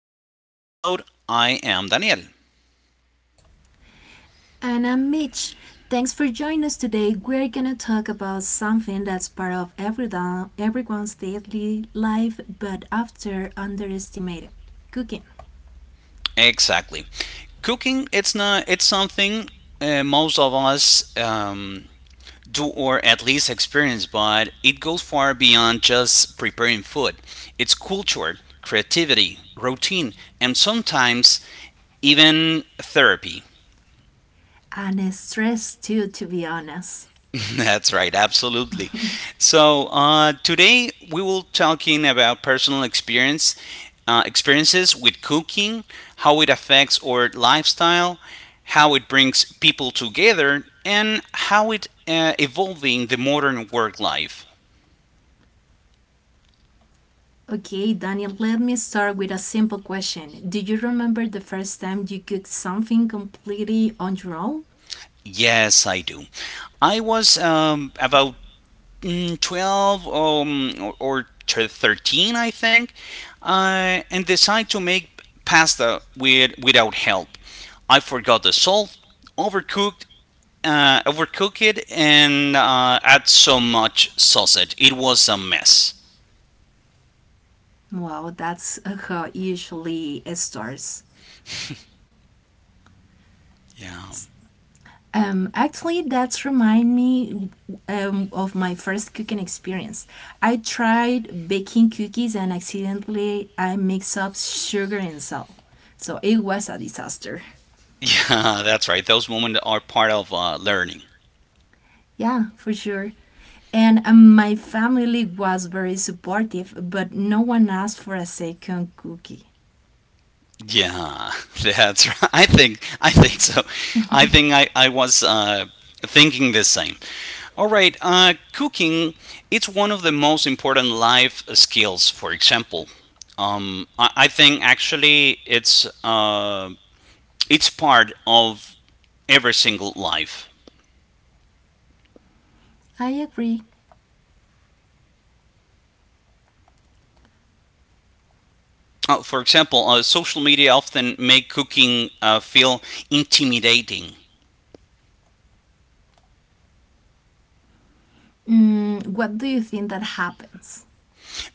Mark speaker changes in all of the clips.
Speaker 1: today's episode. I am Daniel. Exactly. Cooking, it's not, it's something most of us do or at least experience, but it goes far beyond just preparing food. It's culture, creativity, routine, and sometimes even therapy.
Speaker 2: And stress too, to be honest.
Speaker 1: That's right, absolutely. Today we will talking about personal experiences with cooking, how it affects our lifestyle, how it brings people together, and how it evolving the modern work life.
Speaker 2: Okay, Daniel, let me start with a simple question. Do you remember the first time you cooked something completely on your own?
Speaker 1: Yes, I do. I was about 12 or 13, I think, and decide to make pasta without help. I forgot the salt, overcooked, overcook it, and add so much sausage. It was a mess.
Speaker 2: Well, that's how it usually it starts.
Speaker 1: Yeah,
Speaker 2: Actually, that's remind me of my first cooking experience. I tried baking cookies and accidentally I mixed up sugar and salt. So it was a disaster.
Speaker 1: yeah, that's right. Those moments are part of learning.
Speaker 2: Yeah, for sure. And my family was very supportive, but no one asked for a second cookie.
Speaker 1: Yeah, that's right. I think so. I think I was thinking the same. Cooking, it's one of the most important life skills, for example. I think actually it's part of every single life.
Speaker 2: I agree.
Speaker 1: For example, social media often make cooking feel intimidating
Speaker 2: What do you think that happens?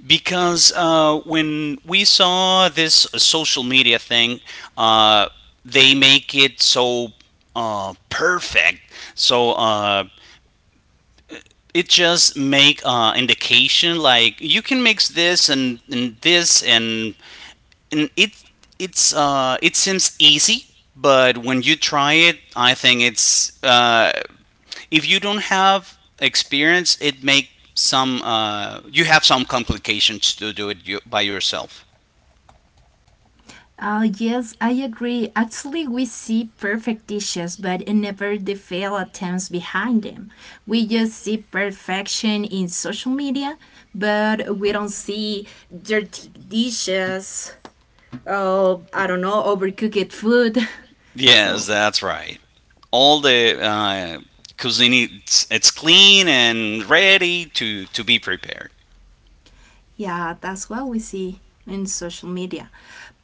Speaker 1: because when we saw this social media thing, uh, they make it so perfect. So uh, it just make indication like you can mix this and this and it's it seems easy but when you try it I think it's if you don't have experience it make some you have some complications to do it you, by yourself.
Speaker 2: Yes, I agree. Actually, we see perfect dishes, but never the failed attempts behind them. We just see perfection in social media, but we don't see dirty dishes, oh, I don't know, overcooked food.
Speaker 1: Yes,
Speaker 2: So,
Speaker 1: that's right. All the it's clean and ready to be prepared.
Speaker 2: yeah, that's what we see in social media.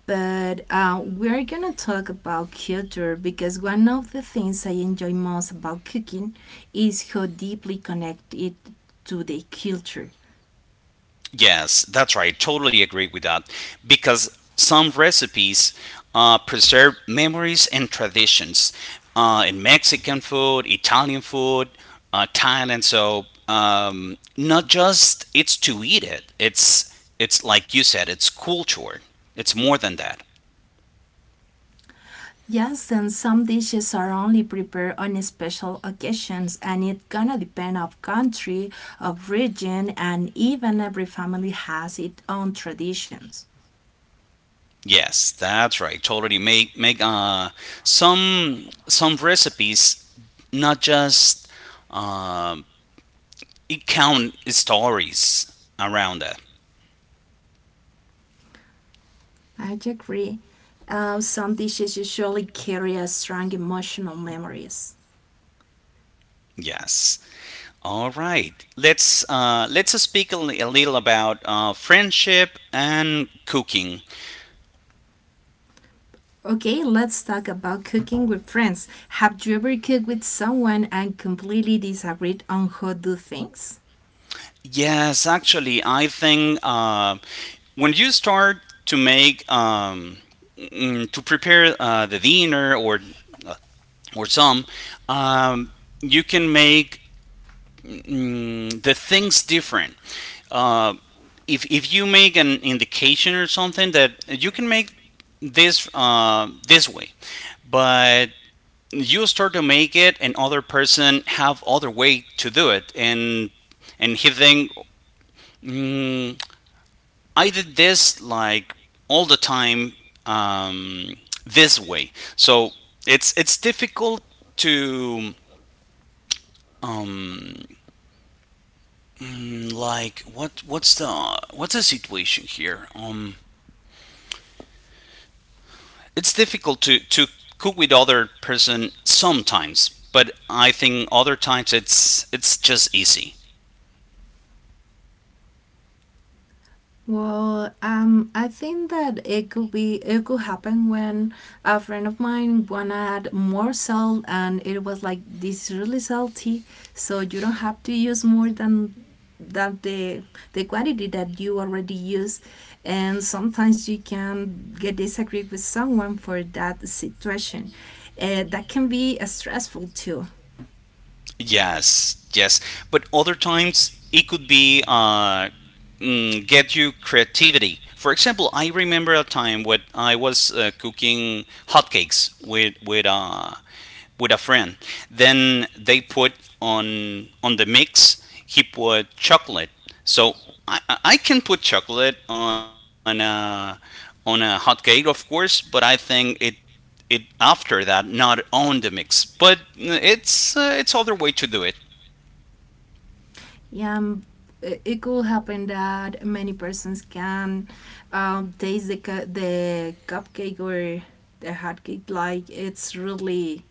Speaker 2: But we're gonna talk about culture because one of the things I enjoy most about cooking is how deeply connected to the culture.
Speaker 1: Yes, that's right. Totally agree with that. Because some recipes preserve memories and traditions, in Mexican food, Italian food, Thailand. Not just it's to eat it. It's like you said. It's culture. It's more than that.
Speaker 2: Yes, and some dishes are only prepared on special occasions, and it's gonna depend of country, of region, and even every family has its own traditions.
Speaker 1: Yes, that's right. Totally make make Some recipes not just um, it count stories around it.
Speaker 2: I agree. Some dishes usually carry a strong emotional memories.
Speaker 1: Yes. All right. Let's speak a little about friendship and cooking.
Speaker 2: Okay, let's talk about cooking with friends. Have you ever cooked with someone and completely disagreed on how to do things?
Speaker 1: Yes, actually, I think when you start to make to prepare the dinner or uh, or some, um, you can make the things different. Uh, if you make an indication or something that you can make this way, but you start to make it and other person have other way to do it and he think mm, I did this like all the time um, this way, so it's difficult to um like what's the situation here, it's difficult to cook with other person sometimes, but I think other times it's just easy.
Speaker 2: Well, I think that it could happen when a friend of mine wanna add more salt, and it was like this is really salty, so you don't have to use more than than the the quantity that you already use, and sometimes you can get disagree with someone for that situation, that can be stressful too.
Speaker 1: Yes, yes. But other times it could be get you creativity. For example, I remember a time when I was cooking hotcakes with a friend. Then they put on the mix. He put chocolate. So I can put chocolate on a hotcake, of course. But I think it after that, not on the mix. But it's other way to do it.
Speaker 2: Yeah, it could happen that many persons can taste the the cupcake or the hot cake like it's really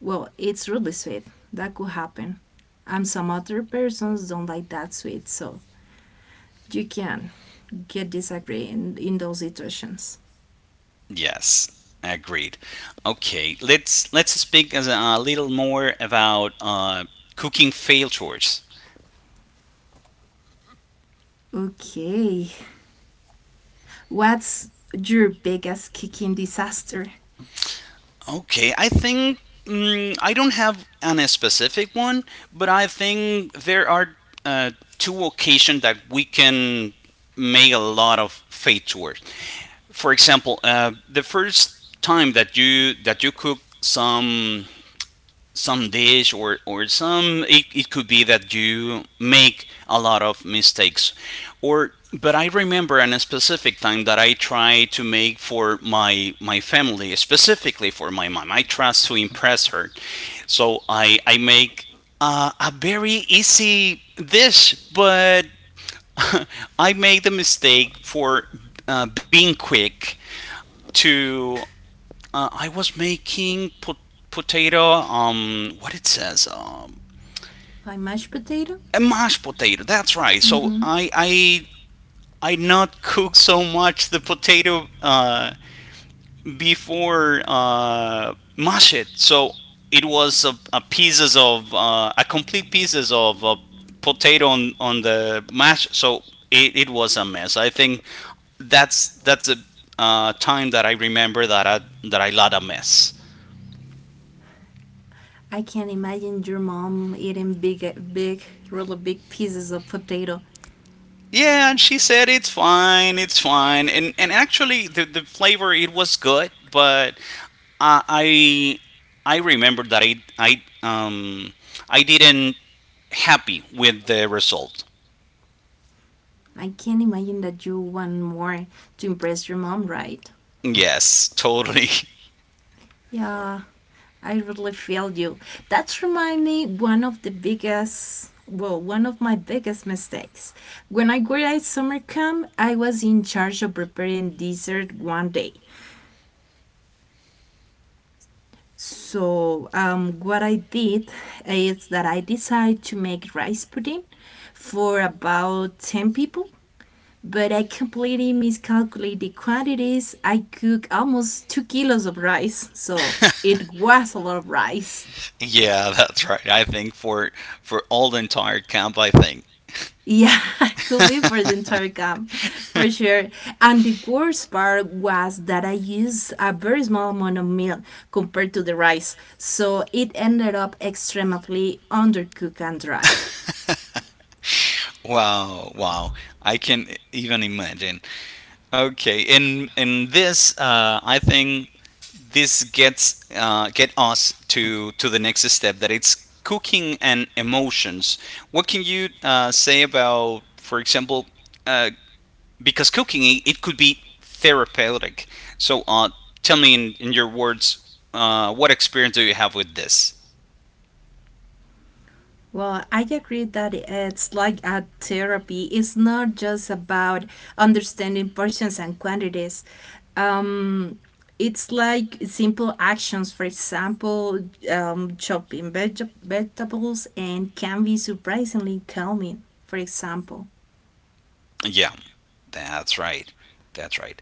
Speaker 2: well, it's really sweet. That could happen, and some other persons don't like that sweet, so you can get disagree in, those situations.
Speaker 1: Yes, agreed. Okay, let's speak as a little more about cooking failures.
Speaker 2: Okay, what's your biggest cooking disaster?
Speaker 1: Okay, I think I don't have an a specific one, but I think there are uh, two occasions that we can make a lot of failures. For example, the first time that you cook some dish or some, it could be that you make a lot of mistakes or but I remember in a specific time that I tried to make for my my family, specifically for my mom. I tried to impress her, so I make a very easy dish, but I made the mistake for being quick to I was making potato, what it says,
Speaker 2: Like mashed potato.
Speaker 1: a mashed potato. That's right.
Speaker 2: Mm-hmm.
Speaker 1: I not cook so much the potato before mash it. So it was a pieces of a complete pieces of potato on the mash. So it was a mess. I think that's a time that I remember that I lot a mess.
Speaker 2: I can imagine your mom eating big, big, really big pieces of potato.
Speaker 1: Yeah, and she said it's fine, and actually the flavor it was good, but I I remember that I didn't happy with the result.
Speaker 2: I can imagine that you want more to impress your mom, right?
Speaker 1: Yes, totally.
Speaker 2: Yeah, I really feel you. That's remind me one of the biggest, well, one of my biggest mistakes. When I graduated summer camp, I was in charge of preparing dessert one day. So what I did is that I decided to make rice pudding for about 10 people, but I completely miscalculated the quantities. I cooked almost 2 kilos of rice, so it was a lot of rice.
Speaker 1: Yeah, that's right. I think for all the entire camp, I think.
Speaker 2: Yeah, could be for the entire camp, for sure. And the worst part was that I used a very small amount of milk compared to the rice, so it ended up extremely undercooked and dry.
Speaker 1: Wow, wow. I can even imagine. Okay, in this I think this gets get us to the next step that it's cooking and emotions. What can you say about, for example, uh, because cooking it could be therapeutic. So uh, Tell me in your words, what experience do you have with this?
Speaker 2: Well, I agree that it's like a therapy. It's not just about understanding portions and quantities. Um, it's like simple actions, for example, chopping vegetables, and can be surprisingly calming, for example.
Speaker 1: Yeah, that's right. That's right.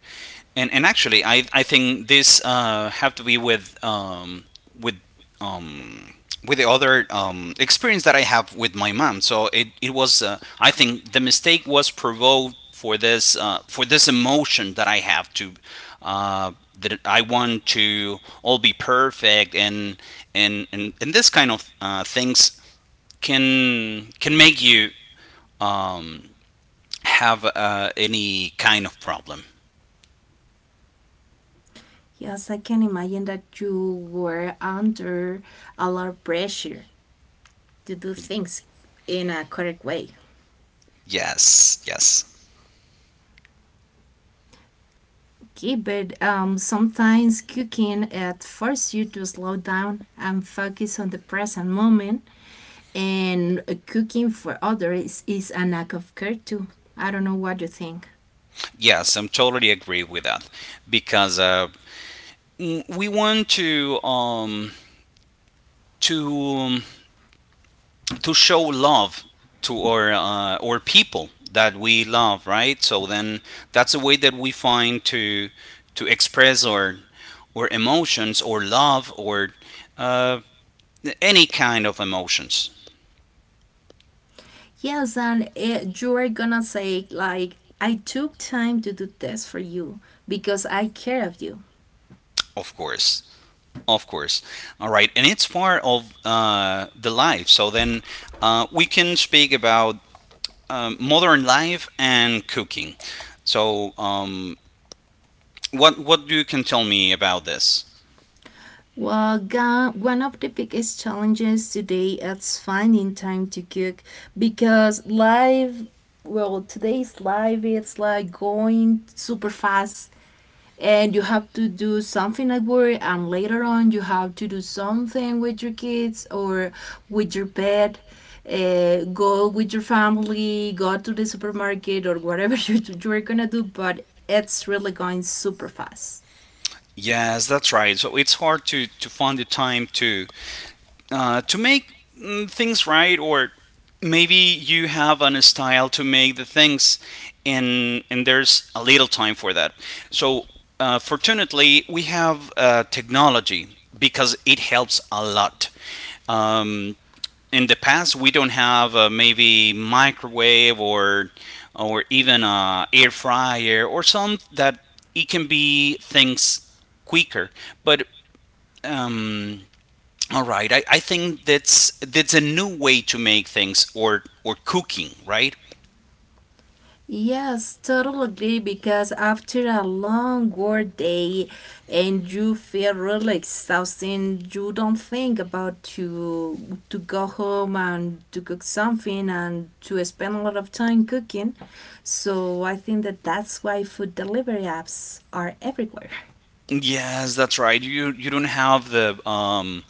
Speaker 1: And actually, I think this have to be with with um, with the other experience that I have with my mom. So it was I think the mistake was provoked for this emotion that I have to uh, that I want to all be perfect and and this kind of things can make you um, have any kind of problem.
Speaker 2: Yes, I can imagine that you were under a lot of pressure to do things in a correct way.
Speaker 1: Yes, yes.
Speaker 2: Okay, but sometimes cooking it forces you to slow down and focus on the present moment, and cooking for others is an act of care too. I don't know what you think.
Speaker 1: Yes, I'm totally agree with that because we want to to um, to show love to our people that we love, right? So then that's a way that we find to express our emotions or love or uh, any kind of emotions,
Speaker 2: Yes, and you are gonna say like, "I took time to do this for you because I care of you."
Speaker 1: of course. Of course. All right. And it's part of the life. So then we can speak about modern life and cooking. So, um, what you can tell me about this?
Speaker 2: Well, one of the biggest challenges today is finding time to cook, because life, well, today's life it's like going super fast, and you have to do something at work, and later on you have to do something with your kids or with your pet, go with your family, go to the supermarket, or whatever you're gonna do, but it's really going super fast.
Speaker 1: Yes, that's right. So it's hard to find the time to make things right, or maybe you have an style to make the things, and there's a little time for that. So fortunately, we have technology because it helps a lot. Um, in the past we don't have maybe microwave or even air fryer or some that it can be things quicker, but um, I think that's a new way to make things or cooking, right?
Speaker 2: Yes, totally. Agree because after a long work day and you feel really exhausted, you don't think about to go home and to cook something and to spend a lot of time cooking. So I think that that's why food delivery apps are everywhere.
Speaker 1: Yes, that's right. You don't have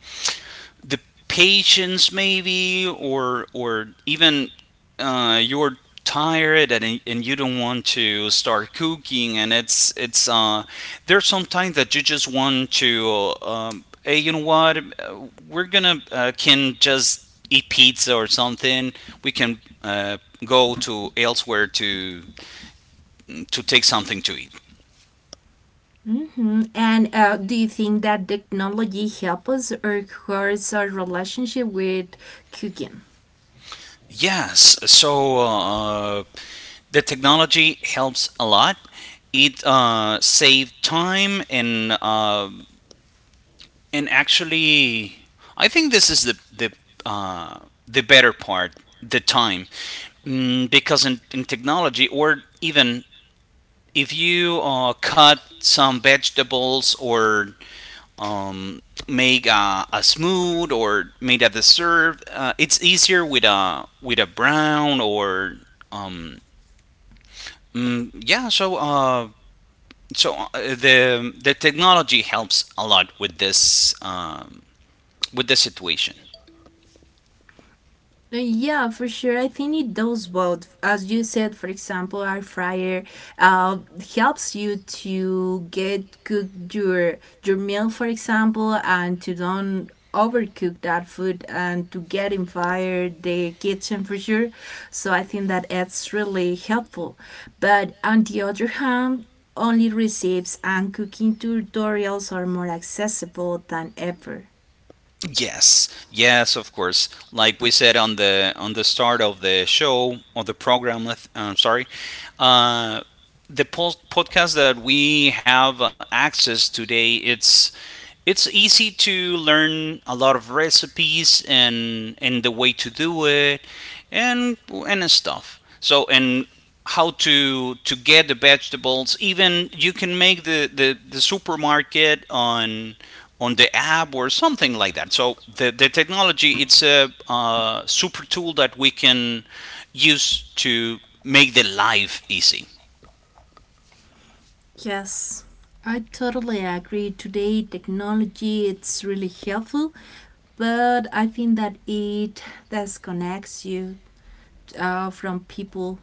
Speaker 1: the patience maybe or even you're tired, and you don't want to start cooking, and it's there's some time that you just want to, hey, you know what, we're gonna can just eat pizza or something, we can go to elsewhere to take something to eat.
Speaker 2: And do you think that technology helps us or hurts our relationship with cooking?
Speaker 1: Yes, so the technology helps a lot. It saved time and actually, I think this is uh, the better part, the time, because in technology or even if you cut some vegetables or um, make a smooth or made a dessert, it's easier with a brown or um, yeah. The technology helps a lot with this with the situation.
Speaker 2: Yeah, for sure. I think it does both. As you said, for example, air fryer uh, helps you to get cook your meal, for example, and to don't overcook that food and to get in fire the kitchen for sure. So I think that it's really helpful. But on the other hand, only recipes and cooking tutorials are more accessible than ever.
Speaker 1: Yes, yes, of course. Like we said on the start of the show or the program, I'm sorry. Uh, podcast that we have access today, it's easy to learn a lot of recipes and the way to do it and and stuff, so and how to get the vegetables, even you can make the supermarket on the app or something like that. So the technology, it's a super tool that we can use to make the life easy.
Speaker 2: Yes. I totally agree. Today, technology it's really helpful, but I think that it disconnects you from people,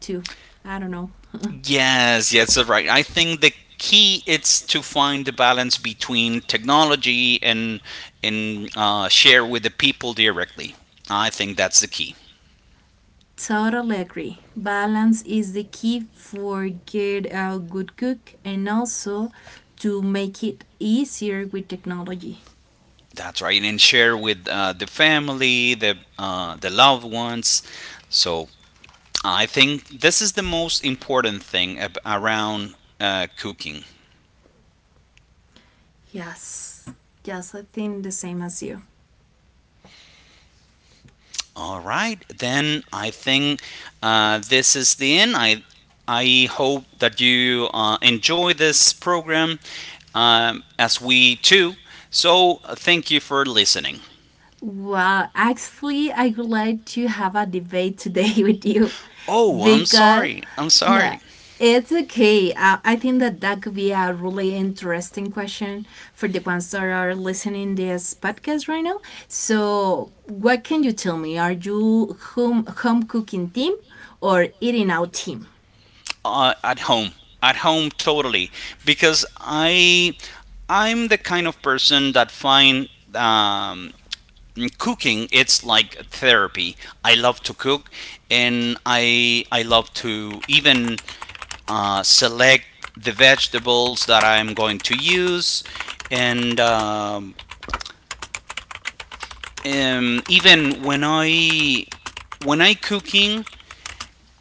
Speaker 2: too. I don't know.
Speaker 1: Yes, yes, you're right. I think the key is to find the balance between technology and share with the people directly. I think that's the key.
Speaker 2: Totally agree. Balance is the key for get a good cook and also to make it easier with technology.
Speaker 1: That's right, and share with the family, the loved ones. So I think this is the most important thing around cooking.
Speaker 2: Yes. Yes, I think the same as you.
Speaker 1: All right, then I think this is the end. I hope that you enjoy this program, as we too. So thank you for listening.
Speaker 2: Well, actually, I would like to have a debate today with you,
Speaker 1: Oh, I'm
Speaker 2: because
Speaker 1: sorry. I'm
Speaker 2: no,
Speaker 1: sorry.
Speaker 2: it's okay. I think that that could be a really interesting question for the ones that are listening this podcast right now. So, what can you tell me? Are you home cooking team or eating out team?
Speaker 1: At home. At home, totally. Because I'm the kind of person that find um, cooking, it's like therapy. I love to cook, and I love to even select the vegetables that I'm going to use, and even when I cooking,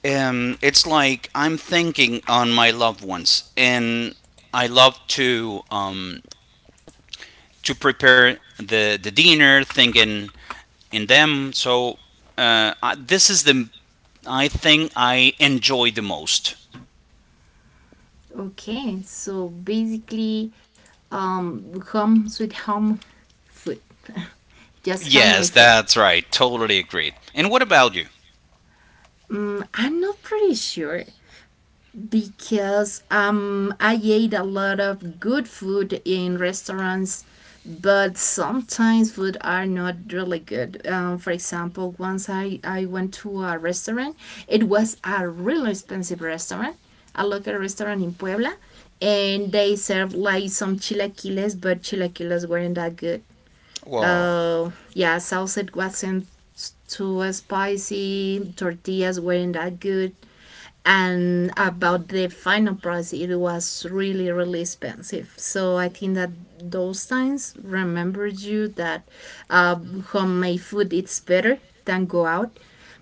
Speaker 1: it's like I'm thinking on my loved ones, and I love to prepare the dinner, thinking in them. So this is the, I think I enjoy the most.
Speaker 2: Okay, so basically, um, home sweet home food, just home my
Speaker 1: Yes,
Speaker 2: food.
Speaker 1: that's right. Totally agreed. And what about you?
Speaker 2: I'm not pretty sure, because I ate a lot of good food in restaurants, but sometimes food are not really good. For example, once I went to a restaurant, it was a really expensive restaurant, a local restaurant in Puebla, and they served like some chilaquiles, but chilaquiles weren't that good.
Speaker 1: Whoa.
Speaker 2: Yeah, sausage wasn't too spicy, tortillas weren't that good, and about the final price it was really really expensive. So I think that those times remembered you that uh, homemade food it's better than go out,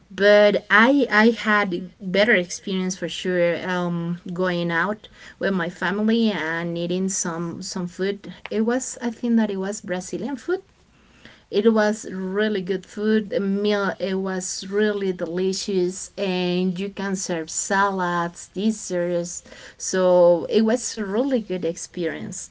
Speaker 2: but I had better experience for sure, going out with my family and eating some food. It was, I think that it was Brazilian food. It was really good food. The meal it was really delicious, and you can serve salads, desserts. So it was a really good experience.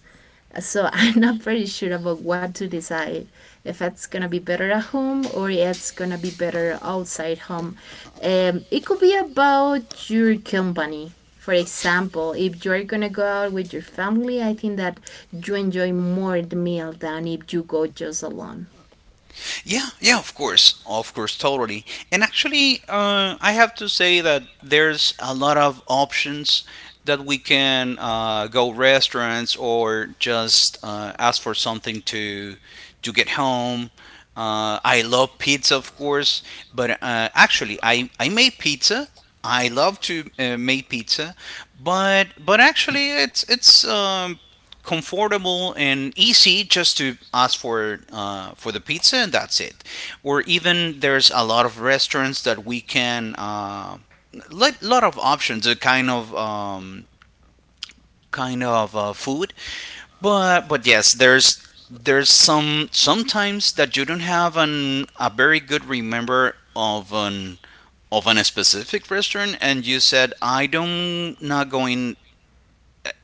Speaker 2: So I'm not pretty sure about what to decide if it's gonna be better at home or it's gonna be better outside home. It could be about your company. For example, if you're gonna go out with your family, I think that you enjoy more the meal than if you go just alone.
Speaker 1: Yeah, yeah, of course, totally. And actually, I have to say that there's a lot of options that we can go restaurants or just ask for something to get home. I love pizza, of course, but actually, I made pizza. I love to make pizza, but actually, it's comfortable and easy just to ask for the pizza, and that's it. Or even there's a lot of restaurants that we can lot of options, a kind of food. But yes, there's sometimes that you don't have an a very good remember of an specific restaurant, and you said, I don't not going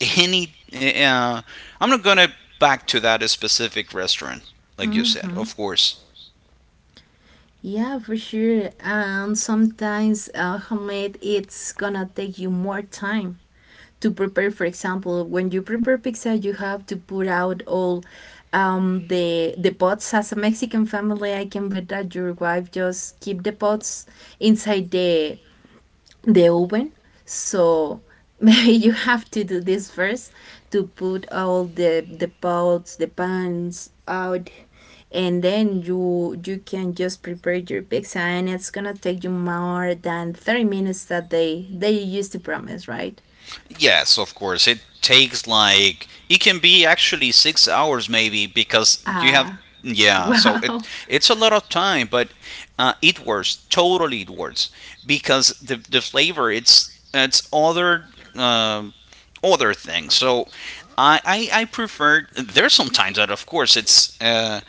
Speaker 1: any, I'm not gonna back to that specific restaurant, like you said,
Speaker 2: Mm-hmm.
Speaker 1: of course.
Speaker 2: Yeah, for sure. And sometimes homemade, it's gonna take you more time to prepare. For example, when you prepare pizza, you have to put out all the pots. As a Mexican family, I can bet that your wife just keep the pots inside the oven. So maybe you have to do this first, to put all the pots, the pans out, and then you can just prepare your pizza, and it's gonna take you more than 30 minutes that they used to promise, right?
Speaker 1: Yes, of course, it takes like, it can be actually 6 hours maybe because you have.
Speaker 2: Ah,
Speaker 1: Yeah, so it
Speaker 2: wow.
Speaker 1: it's a lot of time, but it works, totally it works, because the flavor it's um other thing. So I prefer, there's sometimes that of course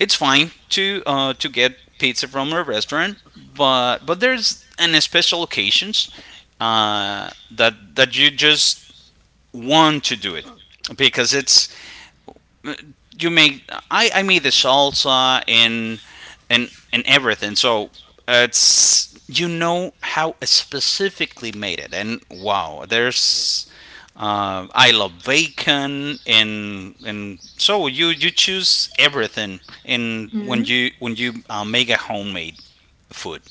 Speaker 1: it's fine to to get pizza from a restaurant, but there's an special occasions that you just want to do it, because it's, you make, I made the salsa, and everything. So it's, you know how I specifically made it, and wow, there's, I love bacon, and so you choose everything, and when
Speaker 2: Mm.
Speaker 1: you make a homemade food.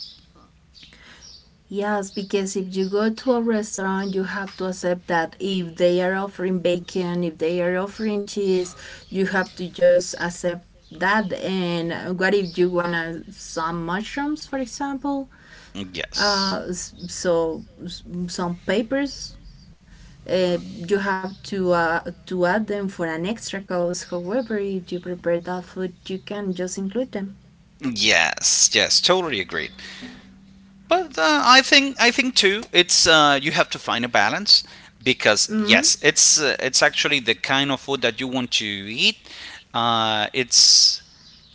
Speaker 2: Yes, because if you go to a restaurant, you have to accept that if they are offering bacon, if they are offering cheese, you have to just accept that. And what if you wanna some mushrooms, for example?
Speaker 1: Yes,
Speaker 2: So some papers. Uh, you have to add them for an extra cost. However, if you prepare that food, you can just include them.
Speaker 1: yes, yes, totally agreed. But I think too, it's, you have to find a balance, because
Speaker 2: hmm
Speaker 1: yes, it's actually the kind of food that you want to eat. Uh, it's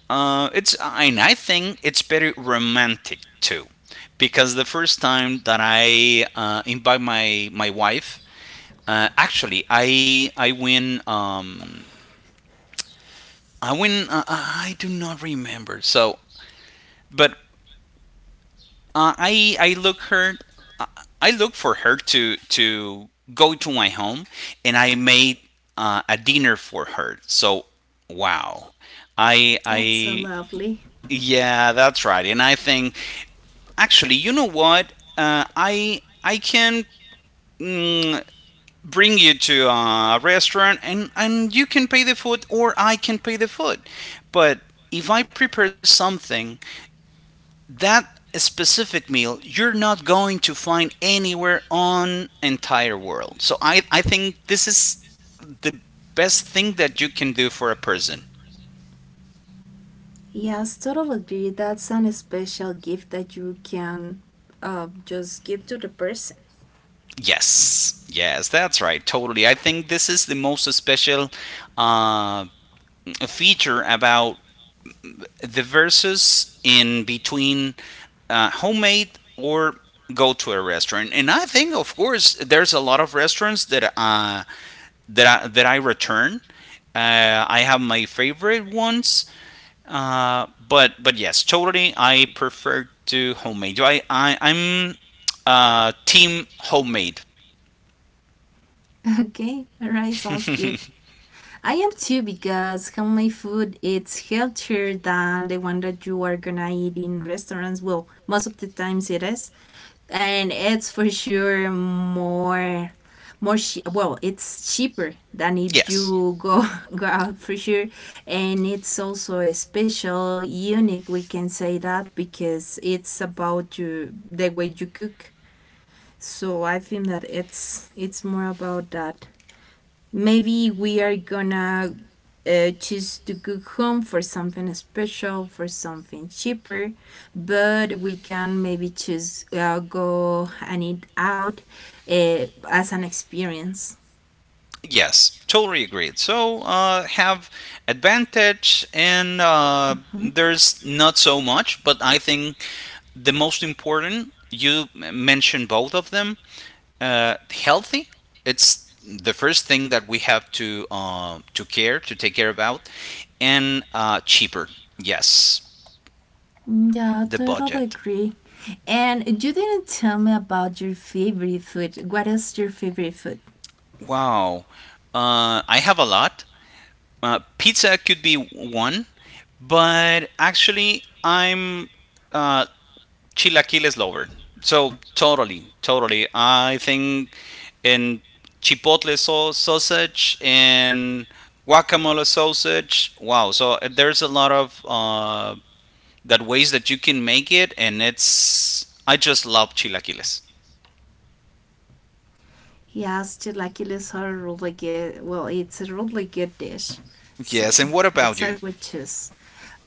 Speaker 1: it's and I think it's very romantic too, because the first time that I invite my wife, actually I win, I win, I do not remember so. But Uh, I I look her, I look for her to go to my home, and I made a dinner for her. So wow, I
Speaker 2: That's so
Speaker 1: I
Speaker 2: lovely.
Speaker 1: Yeah, that's right. And I think, actually, you know what? I can, mm, bring you to a restaurant, and you can pay the food, or I can pay the food. But if I prepare something, that specific meal, you're not going to find anywhere on entire world. So I think this is the best thing that you can do for a person.
Speaker 2: Yes, totally agree. That's an special gift that you can just give to the person.
Speaker 1: Yes, yes, that's right, totally. I think this is the most special uh, feature about the versus in between homemade or go to a restaurant. And I think, of course, there's a lot of restaurants that that I return. I have my favorite ones, but yes, totally. I prefer to homemade. I'm team homemade.
Speaker 2: Okay, alright, sounds good. I am too, because homemade food it's healthier than the one that you are gonna eat in restaurants. Well, most of the times it is, and it's for sure more, well, it's cheaper than if
Speaker 1: Yes.
Speaker 2: you go go out for sure, and it's also a special, unique. We can say that because it's about you the way you cook. So I think that it's more about that, maybe we are gonna choose to cook home for something special, for something cheaper, but we can maybe choose go and eat out as an experience.
Speaker 1: Yes, totally agreed. So have advantage, and
Speaker 2: Mhm.
Speaker 1: there's not so much, but I think the most important. You mentioned both of them. Healthy. It's the first thing that we have to care to take care about, and cheaper. Yes,
Speaker 2: Yeah,
Speaker 1: the
Speaker 2: totally
Speaker 1: budget.
Speaker 2: agree. And you didn't tell me about your favorite food. What is your favorite food?
Speaker 1: Wow, I have a lot. Pizza could be one, but actually, I'm uh, chilaquiles lover. So totally, totally. I think in chipotle sausage and guacamole sausage. Wow. So there's a lot of that ways that you can make it, and it's, I just love chilaquiles.
Speaker 2: Yes, chilaquiles are really good. Well, it's a really good dish.
Speaker 1: Yes.
Speaker 2: So,
Speaker 1: And what about
Speaker 2: it's a
Speaker 1: you?
Speaker 2: good choice.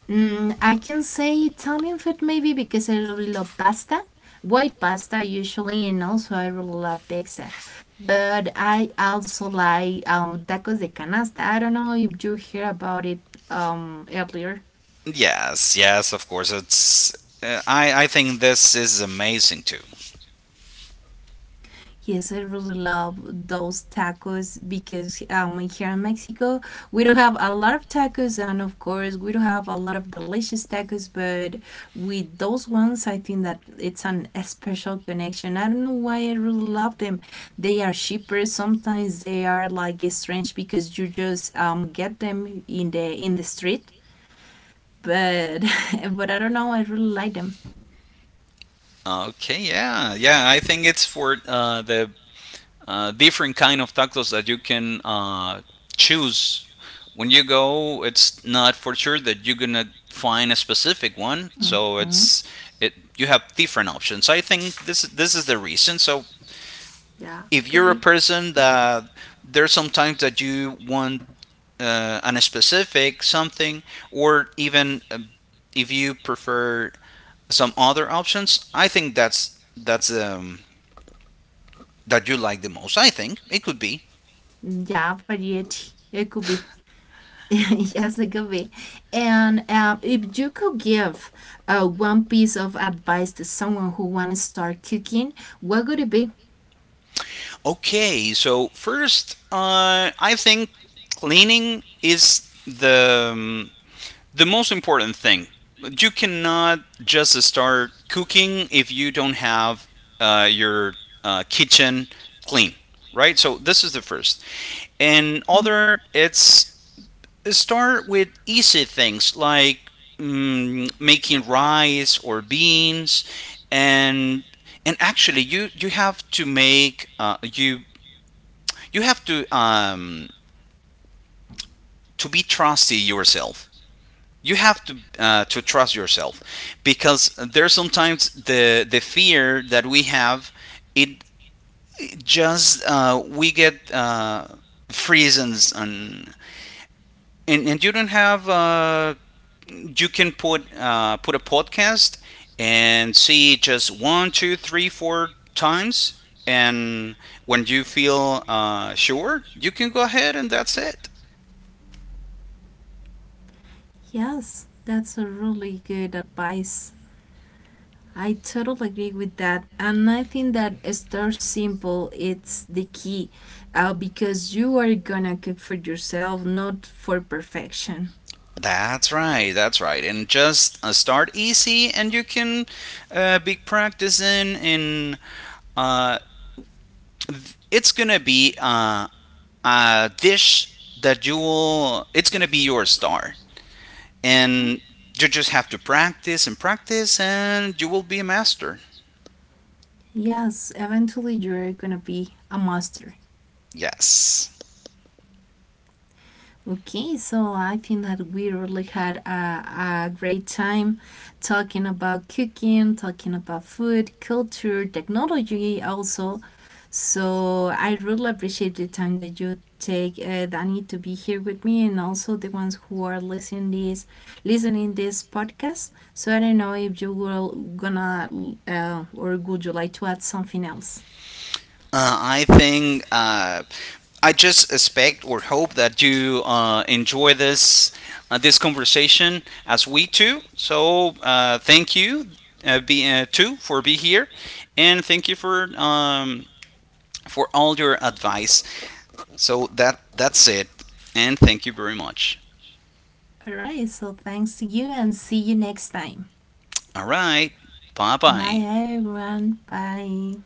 Speaker 2: I can say Italian food maybe, because I really love pasta, white pasta usually, and also I really love pizza. But I also like tacos de canasta. I don't know if you hear about it earlier.
Speaker 1: Yes, yes, of course. It's, I think this is amazing too.
Speaker 2: Yes, I really love those tacos because here in Mexico we don't have a lot of tacos, and of course we don't have a lot of delicious tacos. But with those ones, I think that it's an a special connection. I don't know why I really love them. They are cheaper. Sometimes they are like strange because you just get them in the street. But but I don't know. I really like them.
Speaker 1: Okay, yeah, yeah. I think it's for the different kind of tacos that you can choose when you go. It's not for sure that you're gonna find a specific one, so it's it. You have different options. I think this is the reason. So
Speaker 2: Yeah,
Speaker 1: if
Speaker 2: could
Speaker 1: you're a
Speaker 2: be.
Speaker 1: person that, there's sometimes that you want, on a specific something, or even if you prefer some other options, I think that's that you like the most. I think it could be.
Speaker 2: Mm, yeah, variety. It could be. Yes, it could be. And if you could give one piece of advice to someone who want to start cooking, what would it be?
Speaker 1: Okay. So first, I think cleaning is the most important thing. You cannot just start cooking if you don't have your kitchen clean, right? So this is the first. And
Speaker 2: Hmm?
Speaker 1: other, it's, start with easy things like, making rice or beans, and and actually you have to make, you have to, to be trusty yourself, you have to trust yourself, because there's sometimes the fear that we have, it, it just we get freezes, and you don't have, you can put a podcast and see just one, two, three, four times, and when you feel sure, you can go ahead, and that's it.
Speaker 2: Yes, that's a really good advice. I totally agree with that, and I think that start simple. It's the key, because you are gonna cook for yourself, not for perfection.
Speaker 1: That's right, and just start easy, and you can be practicing. And uh, it's gonna be a dish that you will, it's gonna be your star,
Speaker 2: Huh?
Speaker 1: and you just have to practice and practice, and you will be a master.
Speaker 2: Yes, eventually you're gonna be a master.
Speaker 1: Yes.
Speaker 2: Okay, so I think that we really had a great time talking about cooking, talking about food, culture, technology, also. So I really appreciate the time that you take Danny to be here with me, and also the ones who are listening this podcast. So I don't know if you will gonna, or would you like to add something else?
Speaker 1: I think, I just expect or hope that you enjoy this conversation as we too. So thank you, be too for be here, and thank you for all your advice. So that's it, and thank you very much.
Speaker 2: All right. So thanks to you and see you next time.
Speaker 1: All right, bye bye.
Speaker 2: Bye everyone. Bye.